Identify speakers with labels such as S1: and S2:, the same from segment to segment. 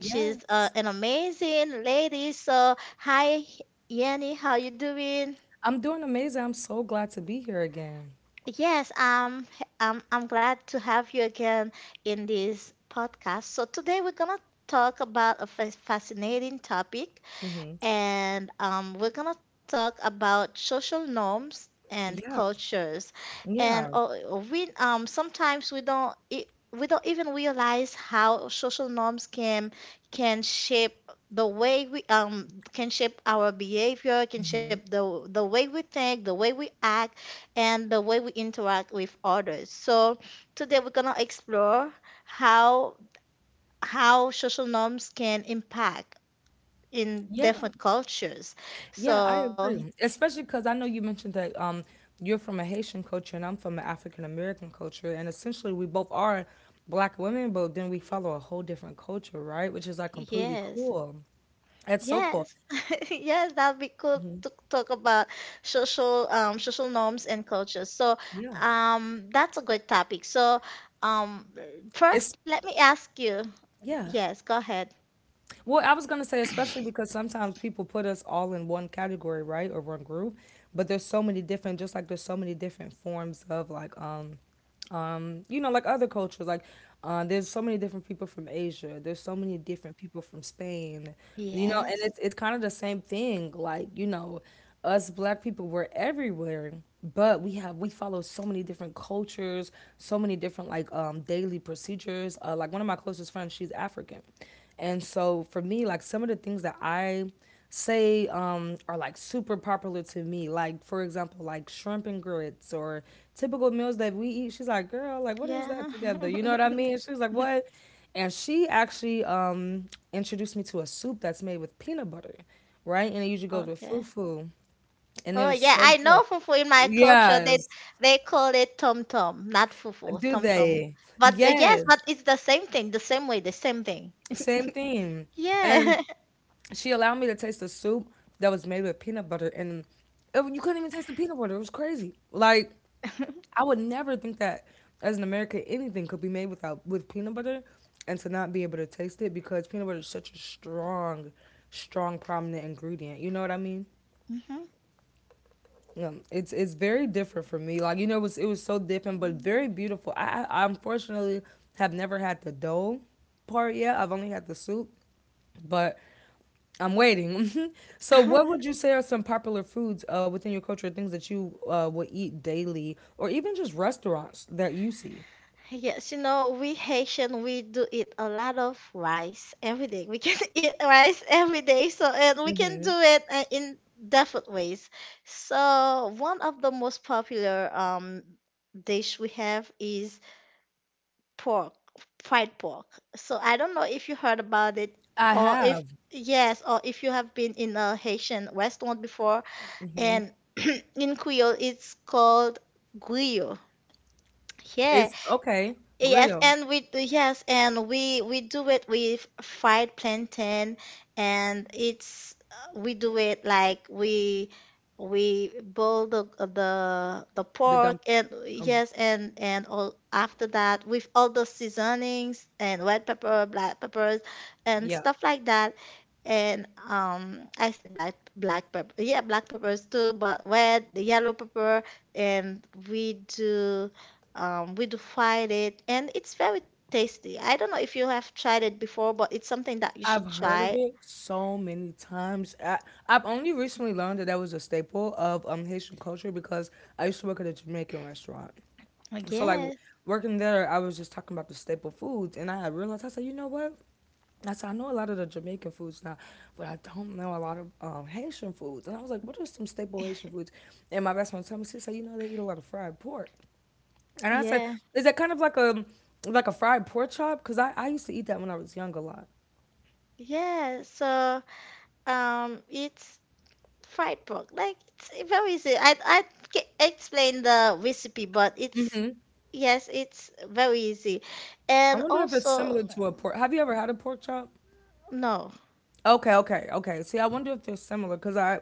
S1: Yes. I'm doing amazing. I'm so glad to be here again. Hmm. Yeah. Yeah. Hmm. Yeah. Yeah, I agree. Especially because I know you mentioned that you're from a Haitian culture and I'm from an African American culture, and essentially we both are black women, but then we follow a whole different culture, right? Which is like completely cool. That's so cool. Yeah. It's yeah. Well, I was gonna say, especially because sometimes people put us all in one category, right, or one group, but there's so many different, just like there's so many different forms of like, like other cultures, like there's so many different people from Asia, there's so many different people from Spain, and it's kind of the same thing, like us black people were everywhere, but we follow so many different cultures, so many different like daily procedures, like one of my closest friends she's African. And so for me like some of the things that I say are like super popular to me, like for example like shrimp and grits or typical meals that we eat. She's like, girl, like what is that together, you know what I mean? She's like, what? And she actually introduced me to a soup that's made with peanut butter, right? And it usually goes with fufu, and it was so good. Yes, do they? Yes, same thing. And she allowed me to taste the soup that was made with peanut butter, and you couldn't even taste the peanut butter. It was crazy. Like I would never think that as an American anything could be made without with peanut butter, and to not be able to taste it, because peanut butter is such a strong, strong, prominent ingredient. You know what I mean? It's very different for me. Like it was so different, but very beautiful. I unfortunately have never had the dough part yet. I've only had the soup, but I'm waiting. So, what would you say are some popular foods within your culture? Things that you would eat daily, or even just restaurants that you see. Hmm. I have. Hmm. It's okay. Grill the dump. Um, yeah. I've heard of it so many times. I've only recently learned that that was a staple of Haitian culture, because I used to work at a Jamaican restaurant. So like working there, I was just talking about the staple foods, and I had realized. I said, you know what? I said I know a lot of the Jamaican foods now, but I don't know a lot of Haitian foods. And I was like, what are some staple Haitian foods? And my best friend told me, she said, you know, they eat a lot of fried pork. And I said, is that kind of like a fried pork chop? Because I used to eat that when I was young a lot. I wonder if it's similar to a pork. Have you ever had a pork chop? Okay, okay, okay. See, I wonder if they're similar because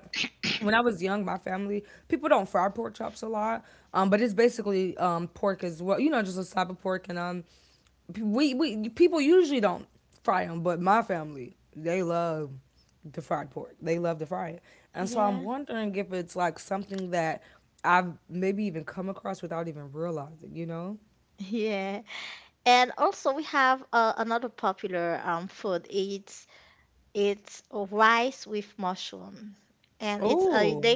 S1: when I was young, my family people don't fry pork chops a lot, but it's basically pork as well. You know, just a type of pork, and we people usually don't fry them, but my family they love the fried pork. They love to fry it, and so I'm wondering if it's like something that I've maybe even come across without even realizing. You know? Oh,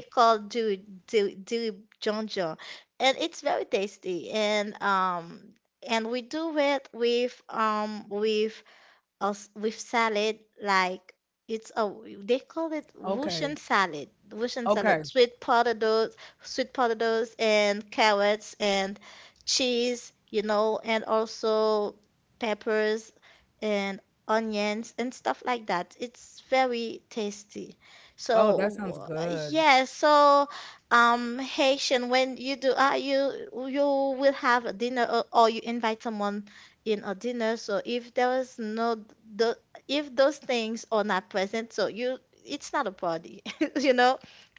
S1: okay, okay. Oh, that sounds good.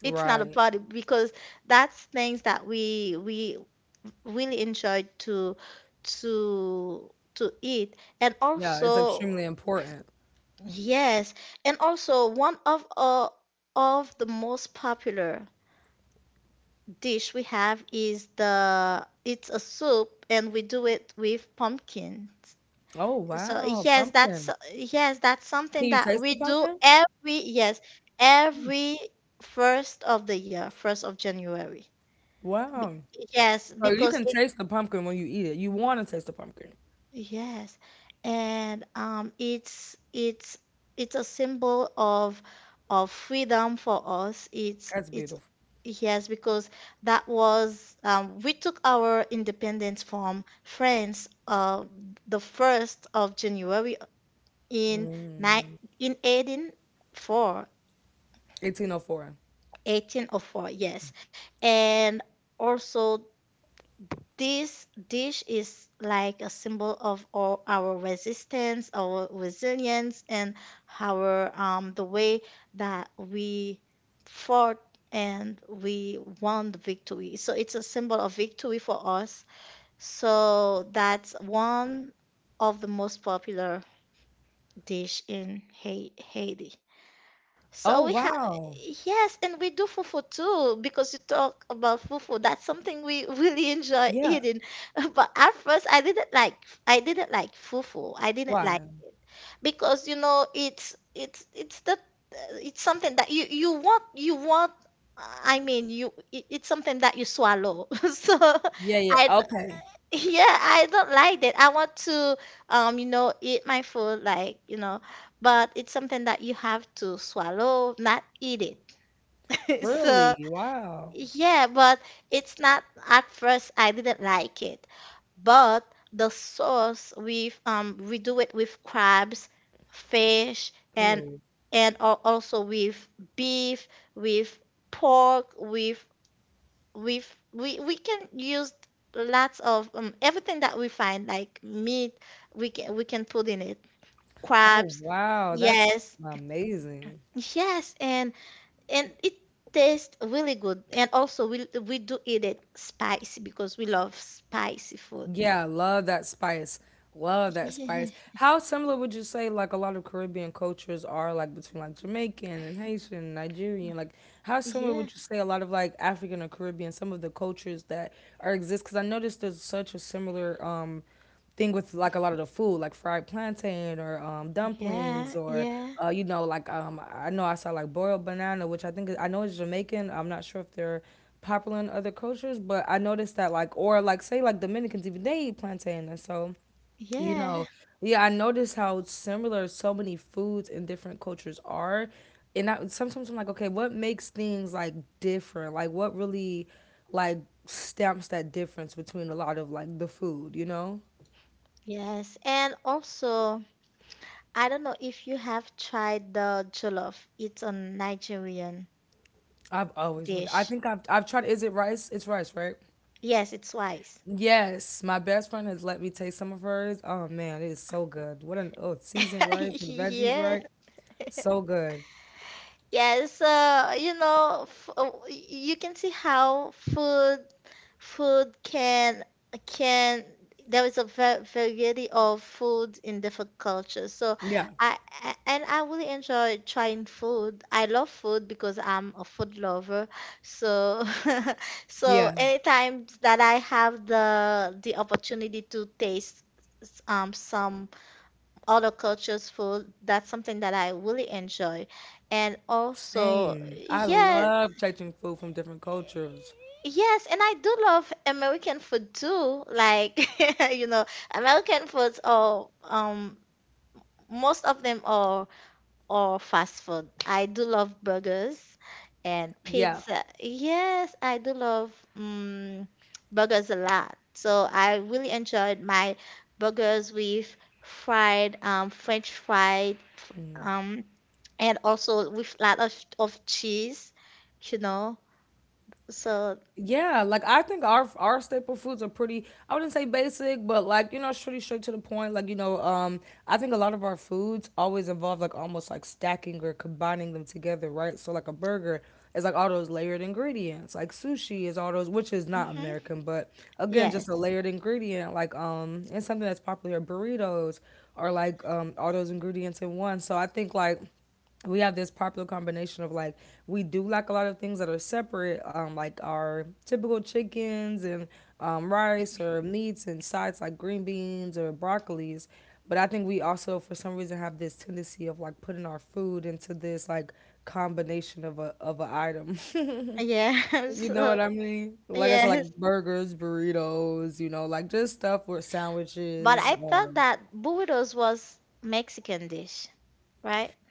S1: Right. Yeah, it's extremely important. Oh, wow, pumpkin. Can you taste the pumpkin? Wow. So you can taste the pumpkin when you eat it. You want to taste the pumpkin. That's beautiful. 1804. Oh, four. Oh, wow. Yeah. Why? Yeah, yeah. Okay. Really? Wow. Ooh. Oh, wow. That's amazing. Yeah, love that spice. Love that spice. How similar would you say like a lot of Caribbean cultures are, like between like Jamaican and Haitian and Nigerian? Like how similar would you say a lot of like African or Caribbean, some of the cultures that are exist? Because I noticed there's such a similar thing with like a lot of the food, like fried plantain or dumplings or like I know I saw like boiled banana, which I think is, I know is Jamaican. I'm not sure if they're popular in other cultures, but I noticed that like, or like say like Dominicans even they eat plantain, and so you know, yeah, I noticed how similar so many foods in different cultures are. And sometimes I'm like, okay, what makes things like different? Like, what really like stamps that difference between a lot of like the food, you know? I've always wondered. I think I've tried. Is it rice? It's rice, right? Yes, my best friend has let me taste some of hers. Oh man, it is so good. What an oh seasoned rice with the veggies, right? So good. Yeah, yeah. Same. I love tasting food from different cultures. Yeah. Yeah, like I think our staple foods are pretty. I wouldn't say basic, but like it's pretty straight to the point. Like I think a lot of our foods always involve like almost like stacking or combining them together, right? So like a burger is like all those layered ingredients. Like sushi is all those, which is not American, but again, just a layered ingredient. Like and something that's popular, burritos are like all those ingredients in one. So I think like we have this popular combination of like we do like a lot of things that are separate, like our typical chickens and rice or meats and sides like green beans or broccolis. But I think we also, for some reason, have this tendency of like putting our food into this like combination of a of an item. You know what I mean? Like I said, like burgers, burritos, like just stuff with sandwiches.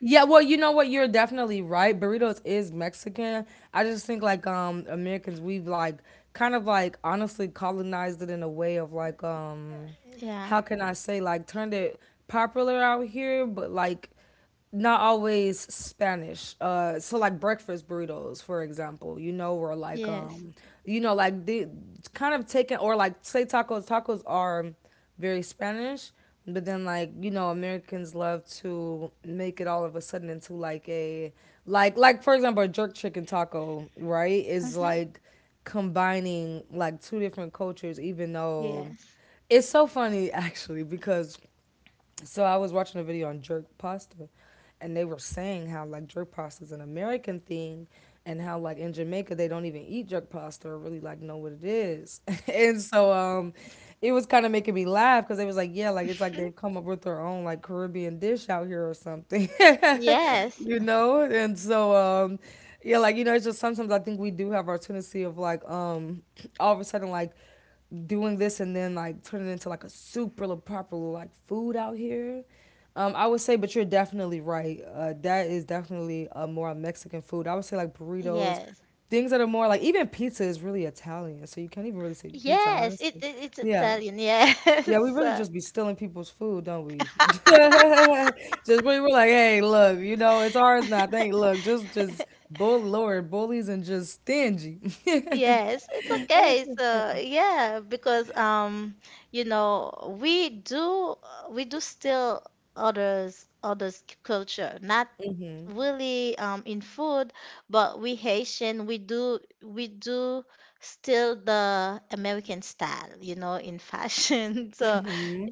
S1: Yeah, well, you know what? You're definitely right. Burritos is Mexican. I just think like Americans, we've like kind of like honestly colonized it in a way of like how can I say, like turned it popular out here, but like not always Spanish. So like breakfast burritos, for example, or like like the kind of taken, or like say tacos. Tacos are very Spanish. But then, like Americans love to make it all of a sudden into like, for example, a jerk chicken taco, right? Is like combining like two different cultures, even though it's so funny, actually, because so I was watching a video on jerk pasta, and they were saying how like jerk pasta is an American thing, and how like in Jamaica they don't even eat jerk pasta or really like know what it is. And so it was kind of making me laugh, because they was like, yeah, like it's like they've come up with their own like Caribbean dish out here or something. And so yeah, like it's just sometimes I think we do have our tendency of like all of a sudden like doing this and then like turning into like a super proper like food out here. I would say, but you're definitely right. That is definitely a more Mexican food. I would say like burritos, things that are more like, even pizza is really Italian, so you can't even really say pizza, honestly. Yeah. Yeah, we really just be stealing people's food, don't we? Just we were like, hey, look, it's ours now. Thank look, just bull Lord, bullies and just stingy. Hmm. Hmm.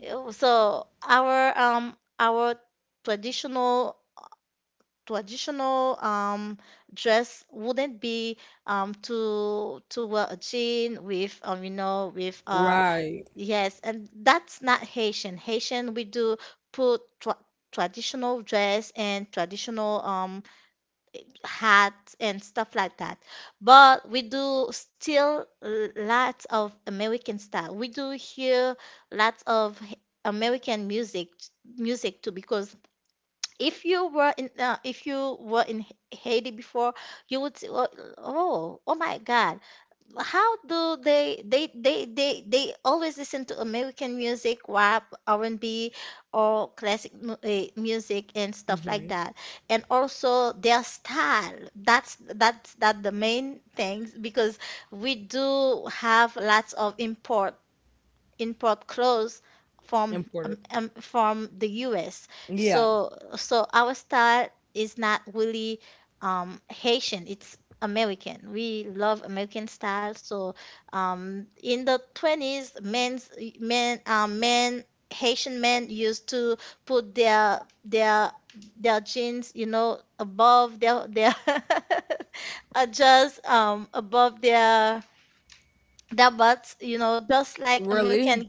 S1: Right. Hmm. Imported. Yeah. Really?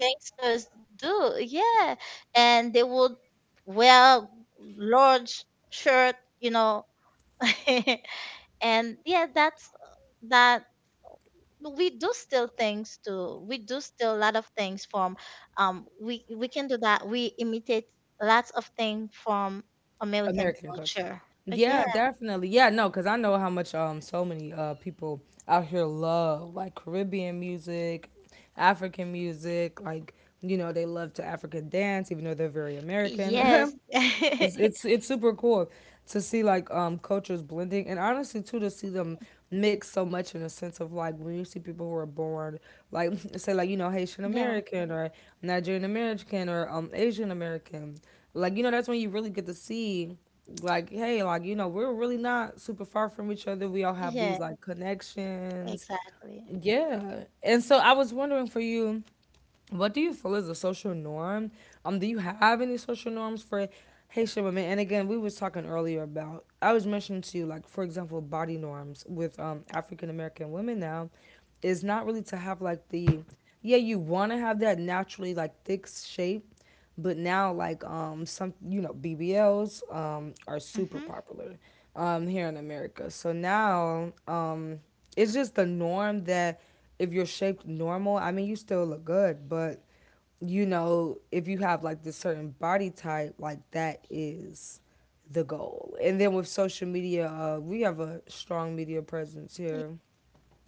S1: American culture. Yeah, definitely. Yeah, no, because I know how much so many people out here love like Caribbean music, African music, like they love to African dance, even though they're very American. It's super cool to see like cultures blending, and honestly too to see them mix so much, in a sense of like when you see people who are born like say like Haitian American or Nigerian American or Asian American, like that's when you really get to see, like, hey, like we're really not super far from each other, we all have these like connections. Yeah. And so I was wondering for you, what do you feel is a social norm? Do you have any social norms for Haitian women? And again, we was talking earlier about I was mentioning to you, like, for example, body norms with African American women now is not really to have like the, yeah, you want to have that naturally like thick shape. But now, like, some, you know, BBLs are super popular here in America. So now, it's just the norm that if you're shaped normal, I mean, you still look good, but you know, if you have like this certain body type, like, that is the goal. And then with social media, we have a strong media presence here.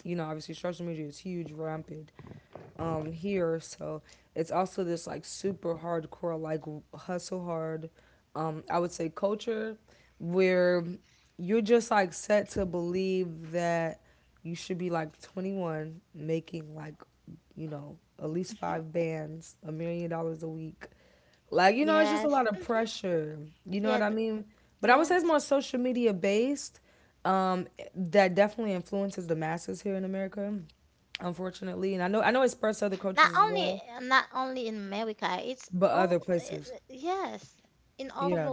S1: You know, obviously social media is huge, rampant here. So it's also this like super hardcore, like, hustle hard, I would say, culture where you're just like set to believe that you should be like 21, making like, you know, at least five bands, a million dollars a week, like, you know, it's just a lot of pressure. You know what I mean? But I would say it's more social media based. Um, that definitely influences the masses here in America, unfortunately. And I know it spreads to other cultures as well, but other places. Yeah.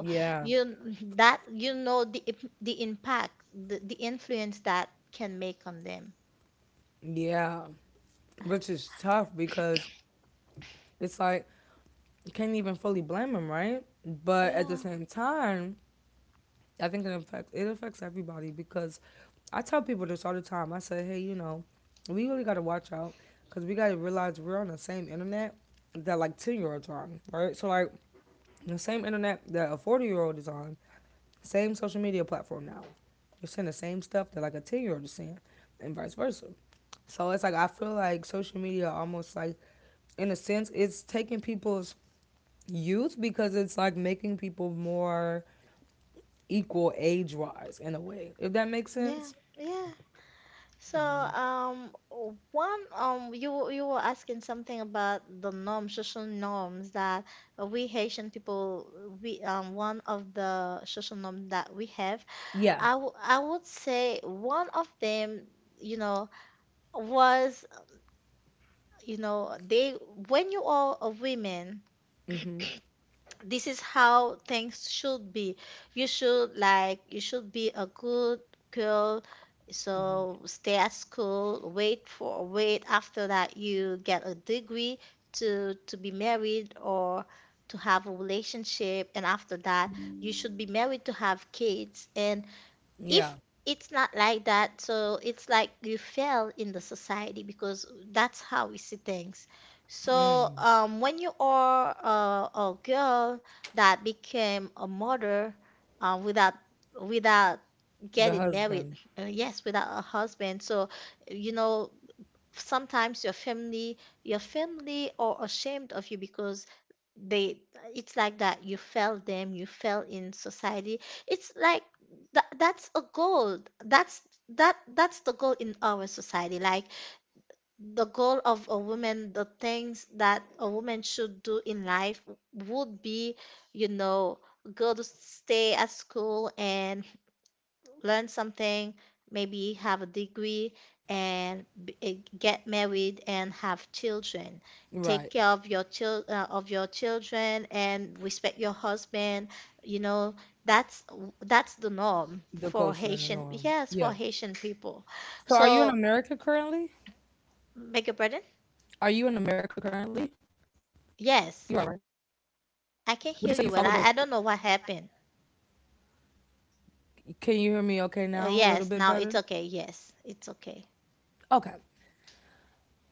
S1: Yeah. Yeah. Which is tough because it's like you can't even fully blame them, right? But at the same time, I think it affects everybody because I tell people this all the time. I say, hey, you know, we really got to watch out because we got to realize we're on the same internet that like 10 year olds are on, right? So like the same internet that a 40 year old is on, same social media platform now. You're seeing the same stuff that like a 10 year old is seeing, and vice versa. So it's like, I feel like social media almost like, in a sense, it's taking people's youth because it's like making people more equal age wise, in a way, if that makes sense. Yeah. Hmm. Yeah. Mm. The husband. Right. The culture and the norm. Yeah. So are you in America currently? Are you in America currently? You are. Would you say you follow? Can you hear me okay now, a little bit better? Okay.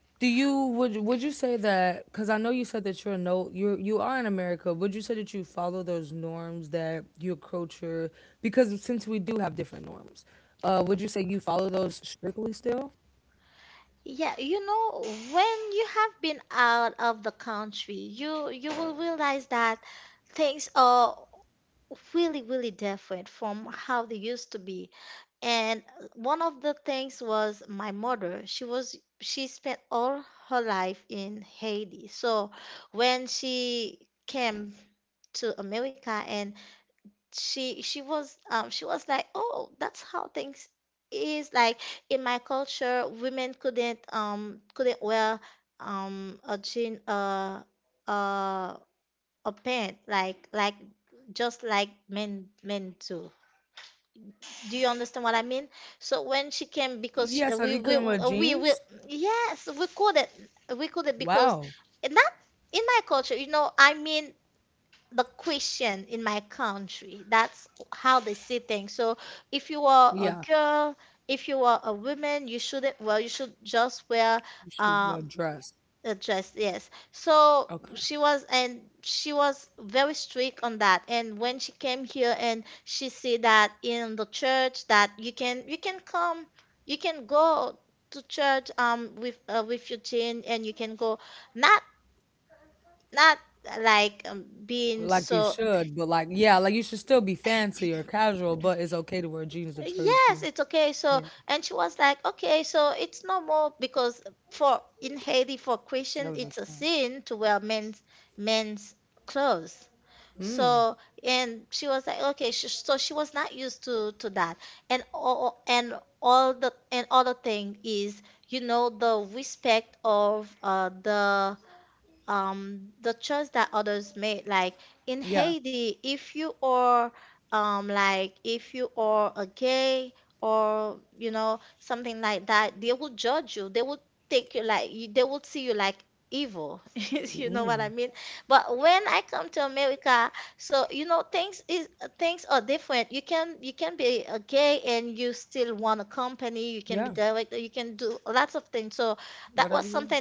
S1: Do you, would you say that, because I know you said that you're no, you you are in America. Would you say that you follow those norms that your culture, because since we do have different norms, would you say you follow those strictly still? Yeah, so you couldn't wear jeans. Wow. Yeah, you should wear a dress. Okay. Like, you should, but like yeah, like you should still be fancy or casual, but it's okay to wear jeans to church. You know? Yeah, that was a trend. Yeah. Mm, yeah. Whatever you want.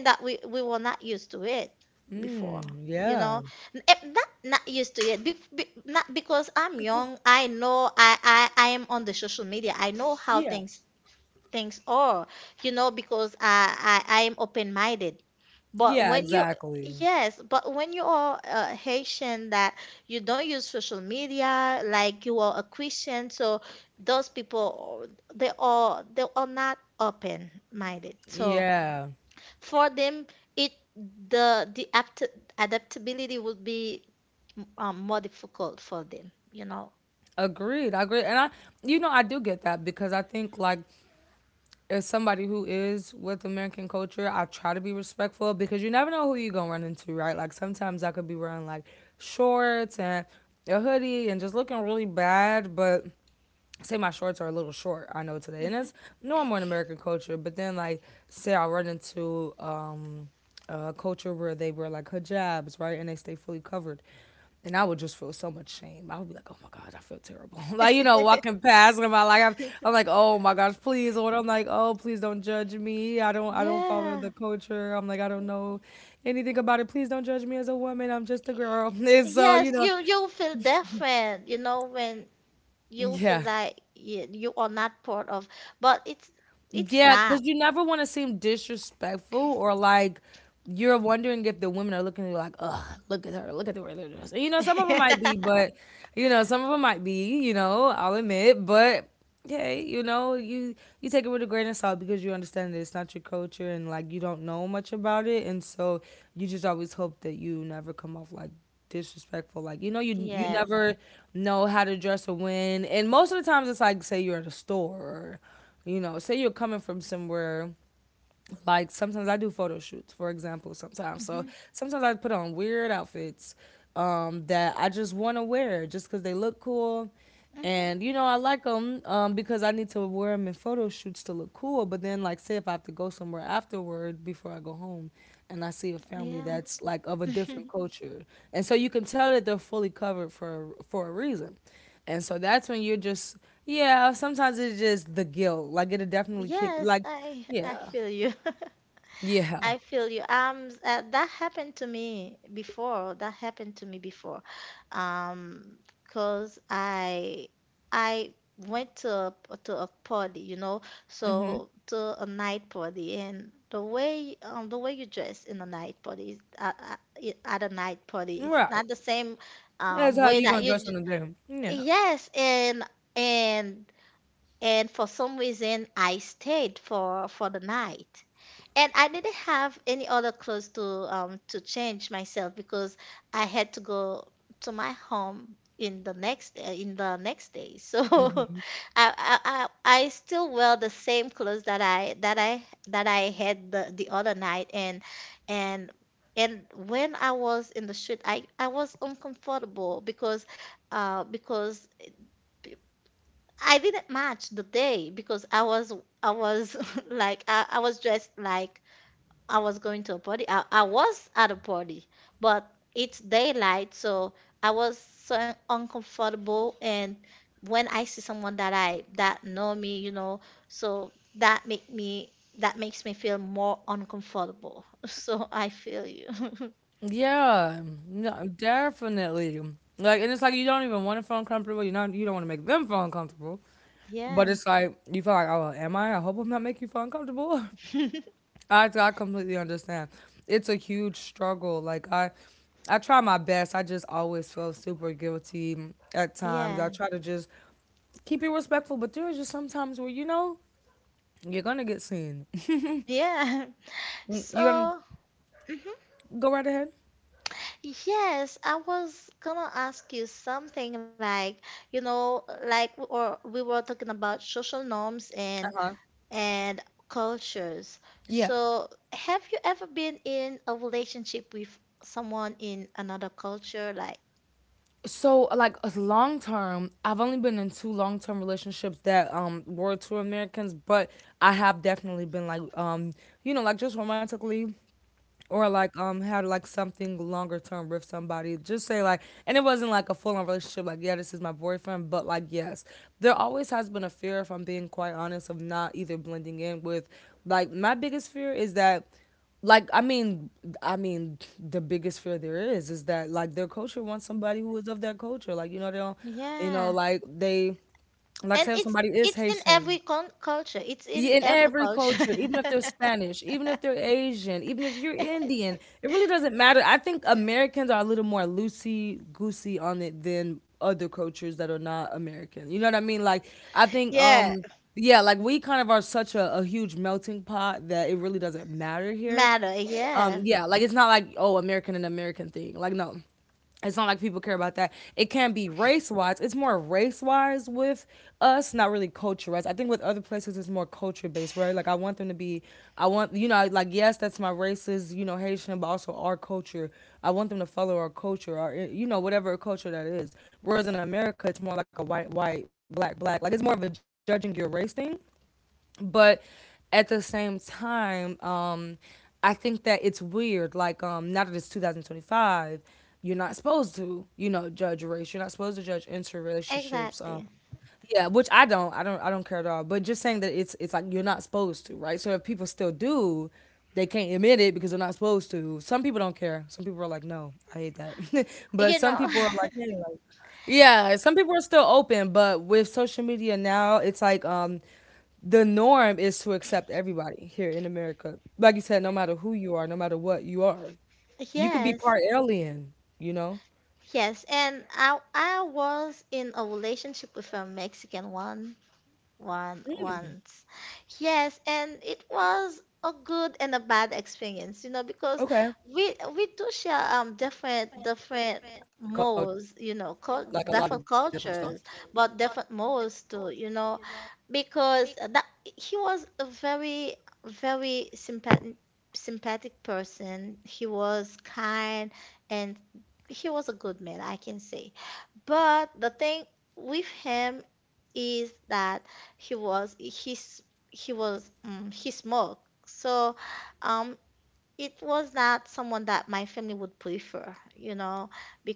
S1: Mm, yeah. It's just, yeah. Yeah, exactly. Yeah. Agreed. I agree. And I, you know, I do get that because I think like as somebody who is with American culture, I try to be respectful because you never know who you're gonna run into, right? Like sometimes I could be wearing like shorts and a hoodie and just looking really bad, but say my shorts are a little short, I know today, and that's normal in American culture. But then, like, say I run into a culture where they wear like hijabs, right, and they stay fully covered, and I would just feel so much shame. I would be like, oh my god, I feel terrible. Like, you know, walking past and my like, I'm like, oh my gosh, please, or I'm like, oh please don't judge me. I don't follow the culture. I'm like, I don't know anything about it. Please don't judge me as a woman. I'm just a girl. And so, you know, yeah. Yeah, because you never want to seem disrespectful, or like you're wondering if the women are looking at you like, ugh, look at her, look at the way they're dressed. And, you know, some of them might be, but you know, some of them might be. You know, I'll admit, but hey, you know, you take it with a grain of salt because you understand that it's not your culture and like you don't know much about it, and so you just always hope that you never come off like disrespectful. Like, you know, you never know how to dress or when, and most of the times it's like, say you're at a store, you know, say you're coming from somewhere, like sometimes I do photo shoots, for example, sometimes. So sometimes I put on weird outfits that I just want to wear just because they look cool. And you know, I like them, because I need to wear them in photo shoots to look cool. But then, like, say if I have to go somewhere afterward before I go home, and I see a family that's like of a different culture. And so you can tell that they're fully covered for a reason. And so that's when you're just, yeah, sometimes it's just the guilt. Like, it'll definitely kick, like, yeah. Yeah. Mhm. Right. That's how you gonna dress on the day. Yeah. Mhm. Yeah. No, definitely. Like, and it's like you don't even want to feel uncomfortable. You not. You don't want to make them feel uncomfortable. But it's like you feel like, oh, am I? I hope I'm not making you feel uncomfortable. I completely understand. It's a huge struggle. Like I try my best. I just always feel super guilty at times. I try to just keep it respectful, but there are just sometimes where you know you're gonna get seen. You're gonna Go right ahead. Uh-huh. Yeah. So like, as long term, I've only been in two long term relationships that were two Americans, but I have definitely been like you know, like just romantically or like had like something longer term with somebody, just say, like, and it wasn't like a full-on relationship like, yeah, this is my boyfriend, but like, yes, there always has been a fear, if I'm being quite honest, of not either blending in with, like, my biggest fear is that, like, I mean, the biggest fear there is that like their culture wants somebody who is of their culture. Like you know they don't, you know, like they, like say if somebody is Haitian, yeah, in every culture, even if they're Spanish, even if they're Asian, even if you're Indian, it really doesn't matter. I think Americans are a little more loosey goosey on it than other cultures that are not American. You know what I mean? Like, I think yeah, like, we kind of are such a huge melting pot that it really doesn't matter here. Yeah, like it's not like, oh, American and American thing. Like, no, it's not like people care about that. It can be race wise. It's more race wise with us, not really culture wise. I think with other places, it's more culture based, right? Like I want them to be, I want, you know, like, yes, that's my races, you know, Haitian, but also our culture. I want them to follow our culture, our, you know, whatever culture that is. Whereas in America, it's more like a white, white, black, black. Like, it's more of a judging your race thing, but at the same time, I think that it's weird, like, now that it's 2025, you're not supposed to, you know, judge race, you're not supposed to judge interrelationships, yeah, which I don't care at all. But just saying that it's like you're not supposed to, right? So if people still do, they can't admit it because they're not supposed to. Some people don't care. Some people are like, no, I hate that. But some people are like, hey, like, yeah, some people are still open, but with social media now, it's like, the norm is to accept everybody here in America. Like you said, no matter who you are, no matter what you are. You could be part alien, you know? Okay. Culture, like a lot of different stuff.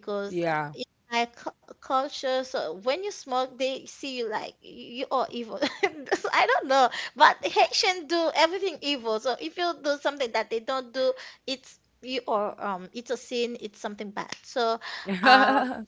S1: Yeah. No.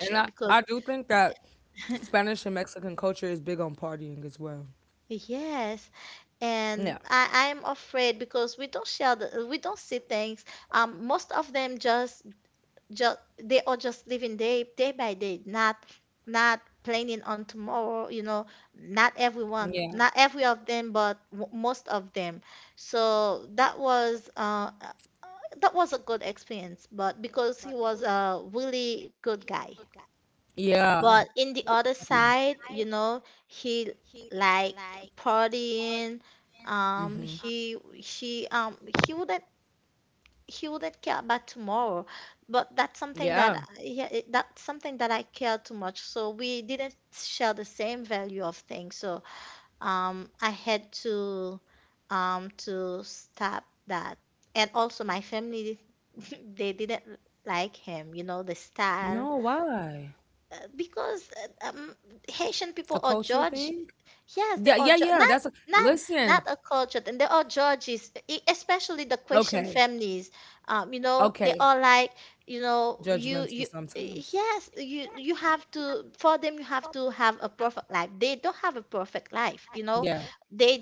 S1: And I do think that Spanish and Mexican culture is big on partying as well. Yeah. Yeah. Yeah. Hmm. Yeah. No, why? The culture thing? Yeah, yeah, yeah. That's a, listen. Okay, okay. Judgmental sometimes. Yeah,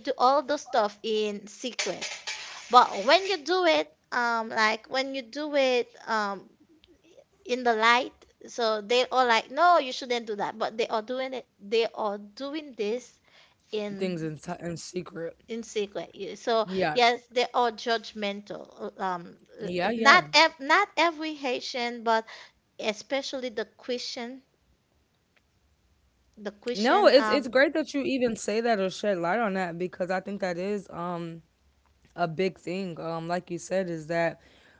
S1: things in t- in secret. Yeah, yeah, yeah. No, it's great that you even say that or shed light on that because I think that is a big thing. Like you said, is that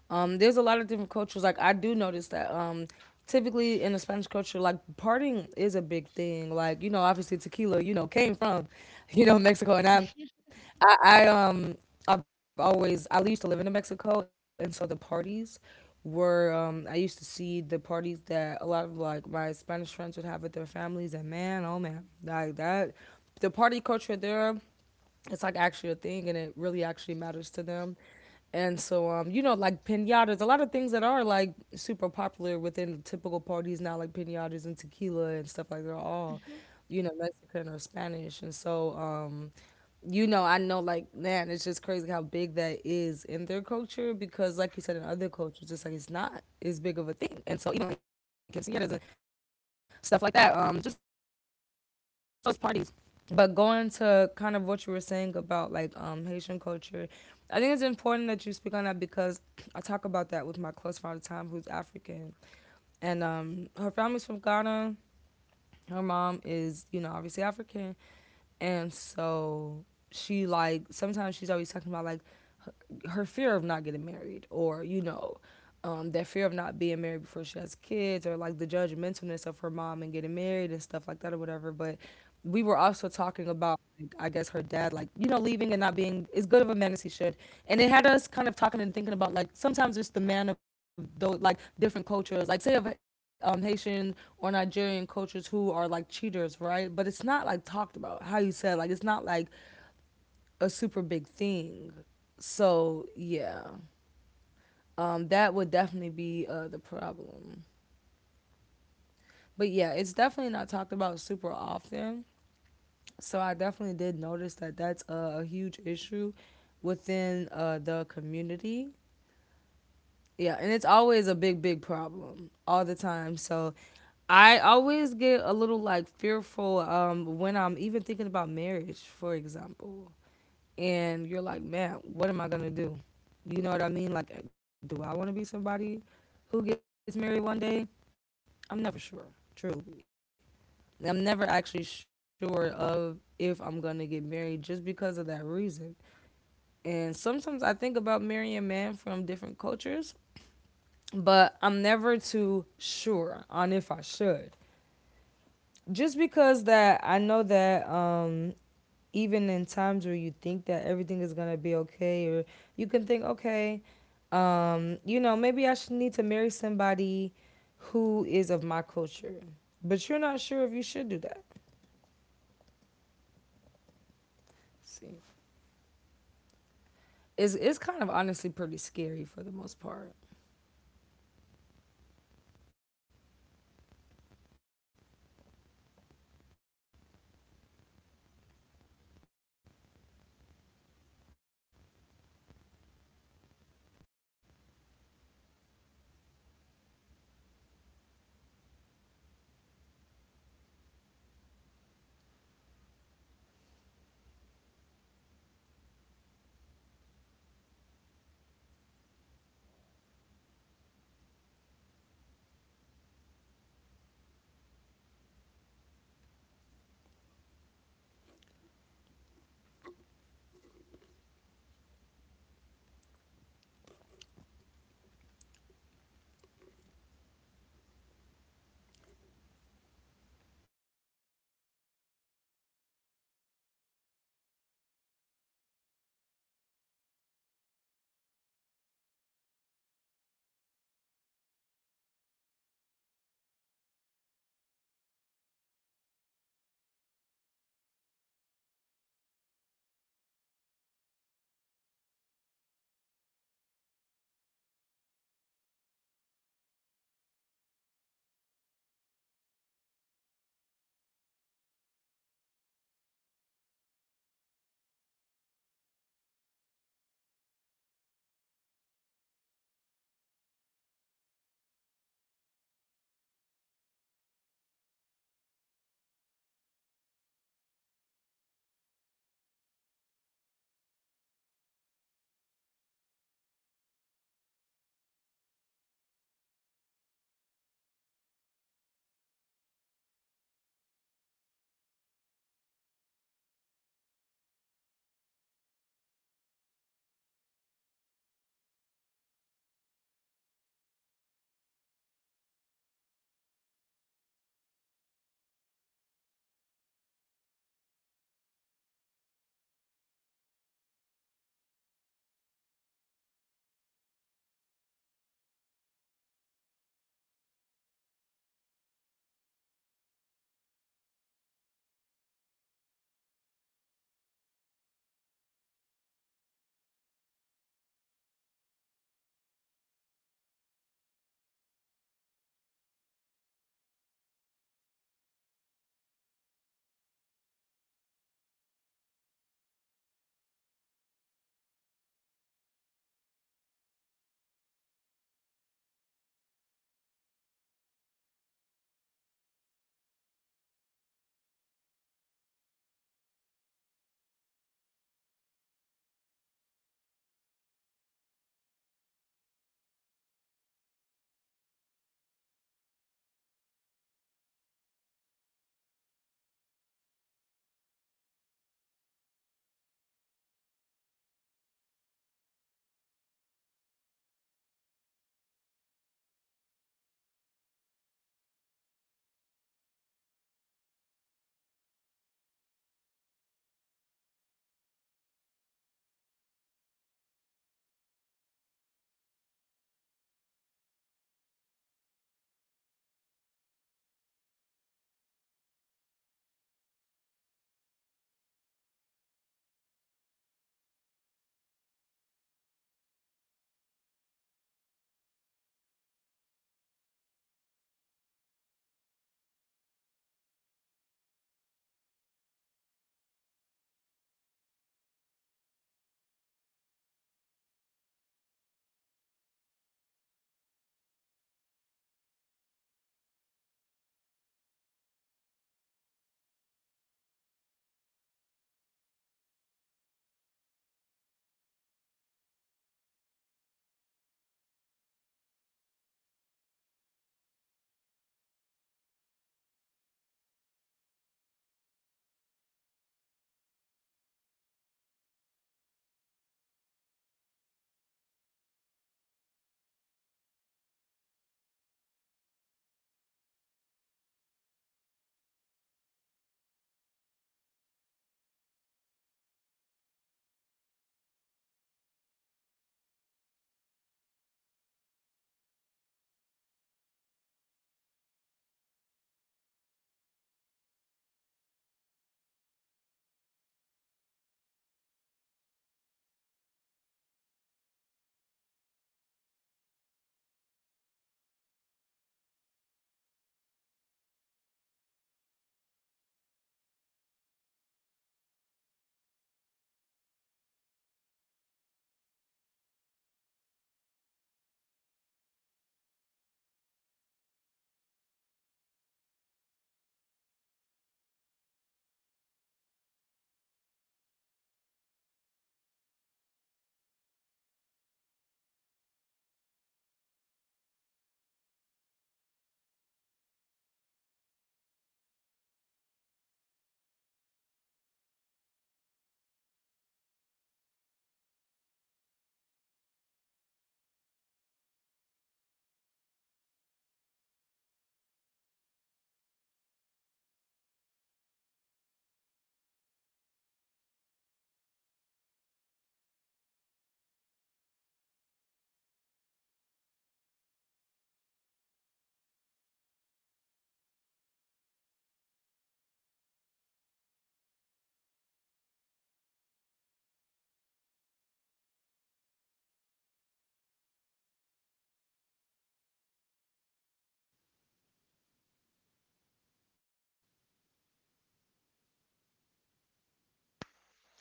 S1: there's a lot of different cultures. Like I do notice that typically in the Spanish culture, like partying is a big thing. Like you know, obviously tequila, you know, came from you know, Mexico. And I'm, I, I've always, I used to live in Mexico, and so the parties were, I used to see the parties that a lot of like my Spanish friends would have with their families, and man, oh man, like that, the party culture there, it's like actually a thing, and it really actually matters to them. And so, you know, like pinatas, a lot of things that are like super popular within typical parties now, like pinatas and tequila and stuff like that, are all, you know, Mexican or Spanish. And so, you know, I know, like, man, it's just crazy how big that is in their culture because, like you said, in other cultures, it's like it's not as big of a thing. And so, even stuff like that, just those parties. But going to kind of what you were saying about like Haitian culture, I think it's important that you speak on that because I talk about that with my close friend at the time who's African. And Her family's from Ghana. Her mom is, you know, obviously African. And so she, like, sometimes she's always talking about, like, her fear of not getting married, or, you know, that fear of not being married before she has kids, or like the judgmentalness of her mom and getting married and stuff like that, or whatever. But we were also talking about, like, I guess her dad, like, you know, leaving and not being as good of a man as he should. And it had us kind of talking and thinking about, like, sometimes it's the man of those like different cultures, like say of Haitian or Nigerian cultures, who are like cheaters, right? But it's not like talked about. How you said, like, it's not like a super big thing. So yeah, that would definitely be the problem. But yeah, it's definitely not talked about super often. So I definitely did notice that that's a huge issue within the community. Yeah, and it's always a big, big problem all the time. So I always get a little like fearful, when I'm even thinking about marriage, for example. And you're like, man, what am I gonna do? You know what I mean? Like, eh, do I want to be somebody who gets married one day? I'm never sure. Truly, I'm never actually sure of if I'm gonna get married just because of that reason. And sometimes I think about marrying a man from different cultures, but I'm never too sure on if I should. Just because that I know that, even in times where you think that everything is gonna be okay, or you can think, okay, you know, maybe I should need to marry somebody who is of my culture. But you're not sure if you should do that. See, it's kind of honestly pretty scary for the most part.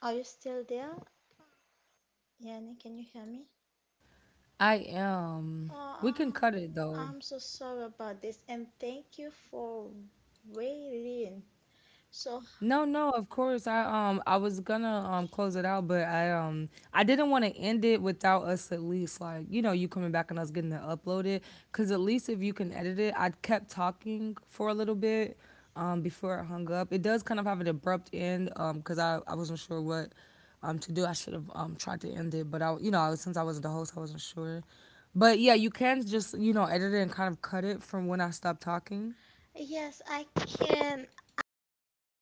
S2: Are you still there? Yani, can you hear me?
S1: I am.
S2: Oh,
S1: We can cut it though.
S2: I'm so sorry about this, and thank you for waiting. So,
S1: No, no, of course. I was gonna close it out, but I didn't want to end it without us at least, like, you know, you coming back and us getting it uploaded, because at least if you can edit it, I kept talking for a little bit before I hung up. It does kind of have an abrupt end because I wasn't sure what to do. I should have tried to end it, but I, you know, since I wasn't the host, I wasn't sure. But yeah, you can just, you know, edit it and kind of cut it from when I stopped talking.
S2: yes, can I can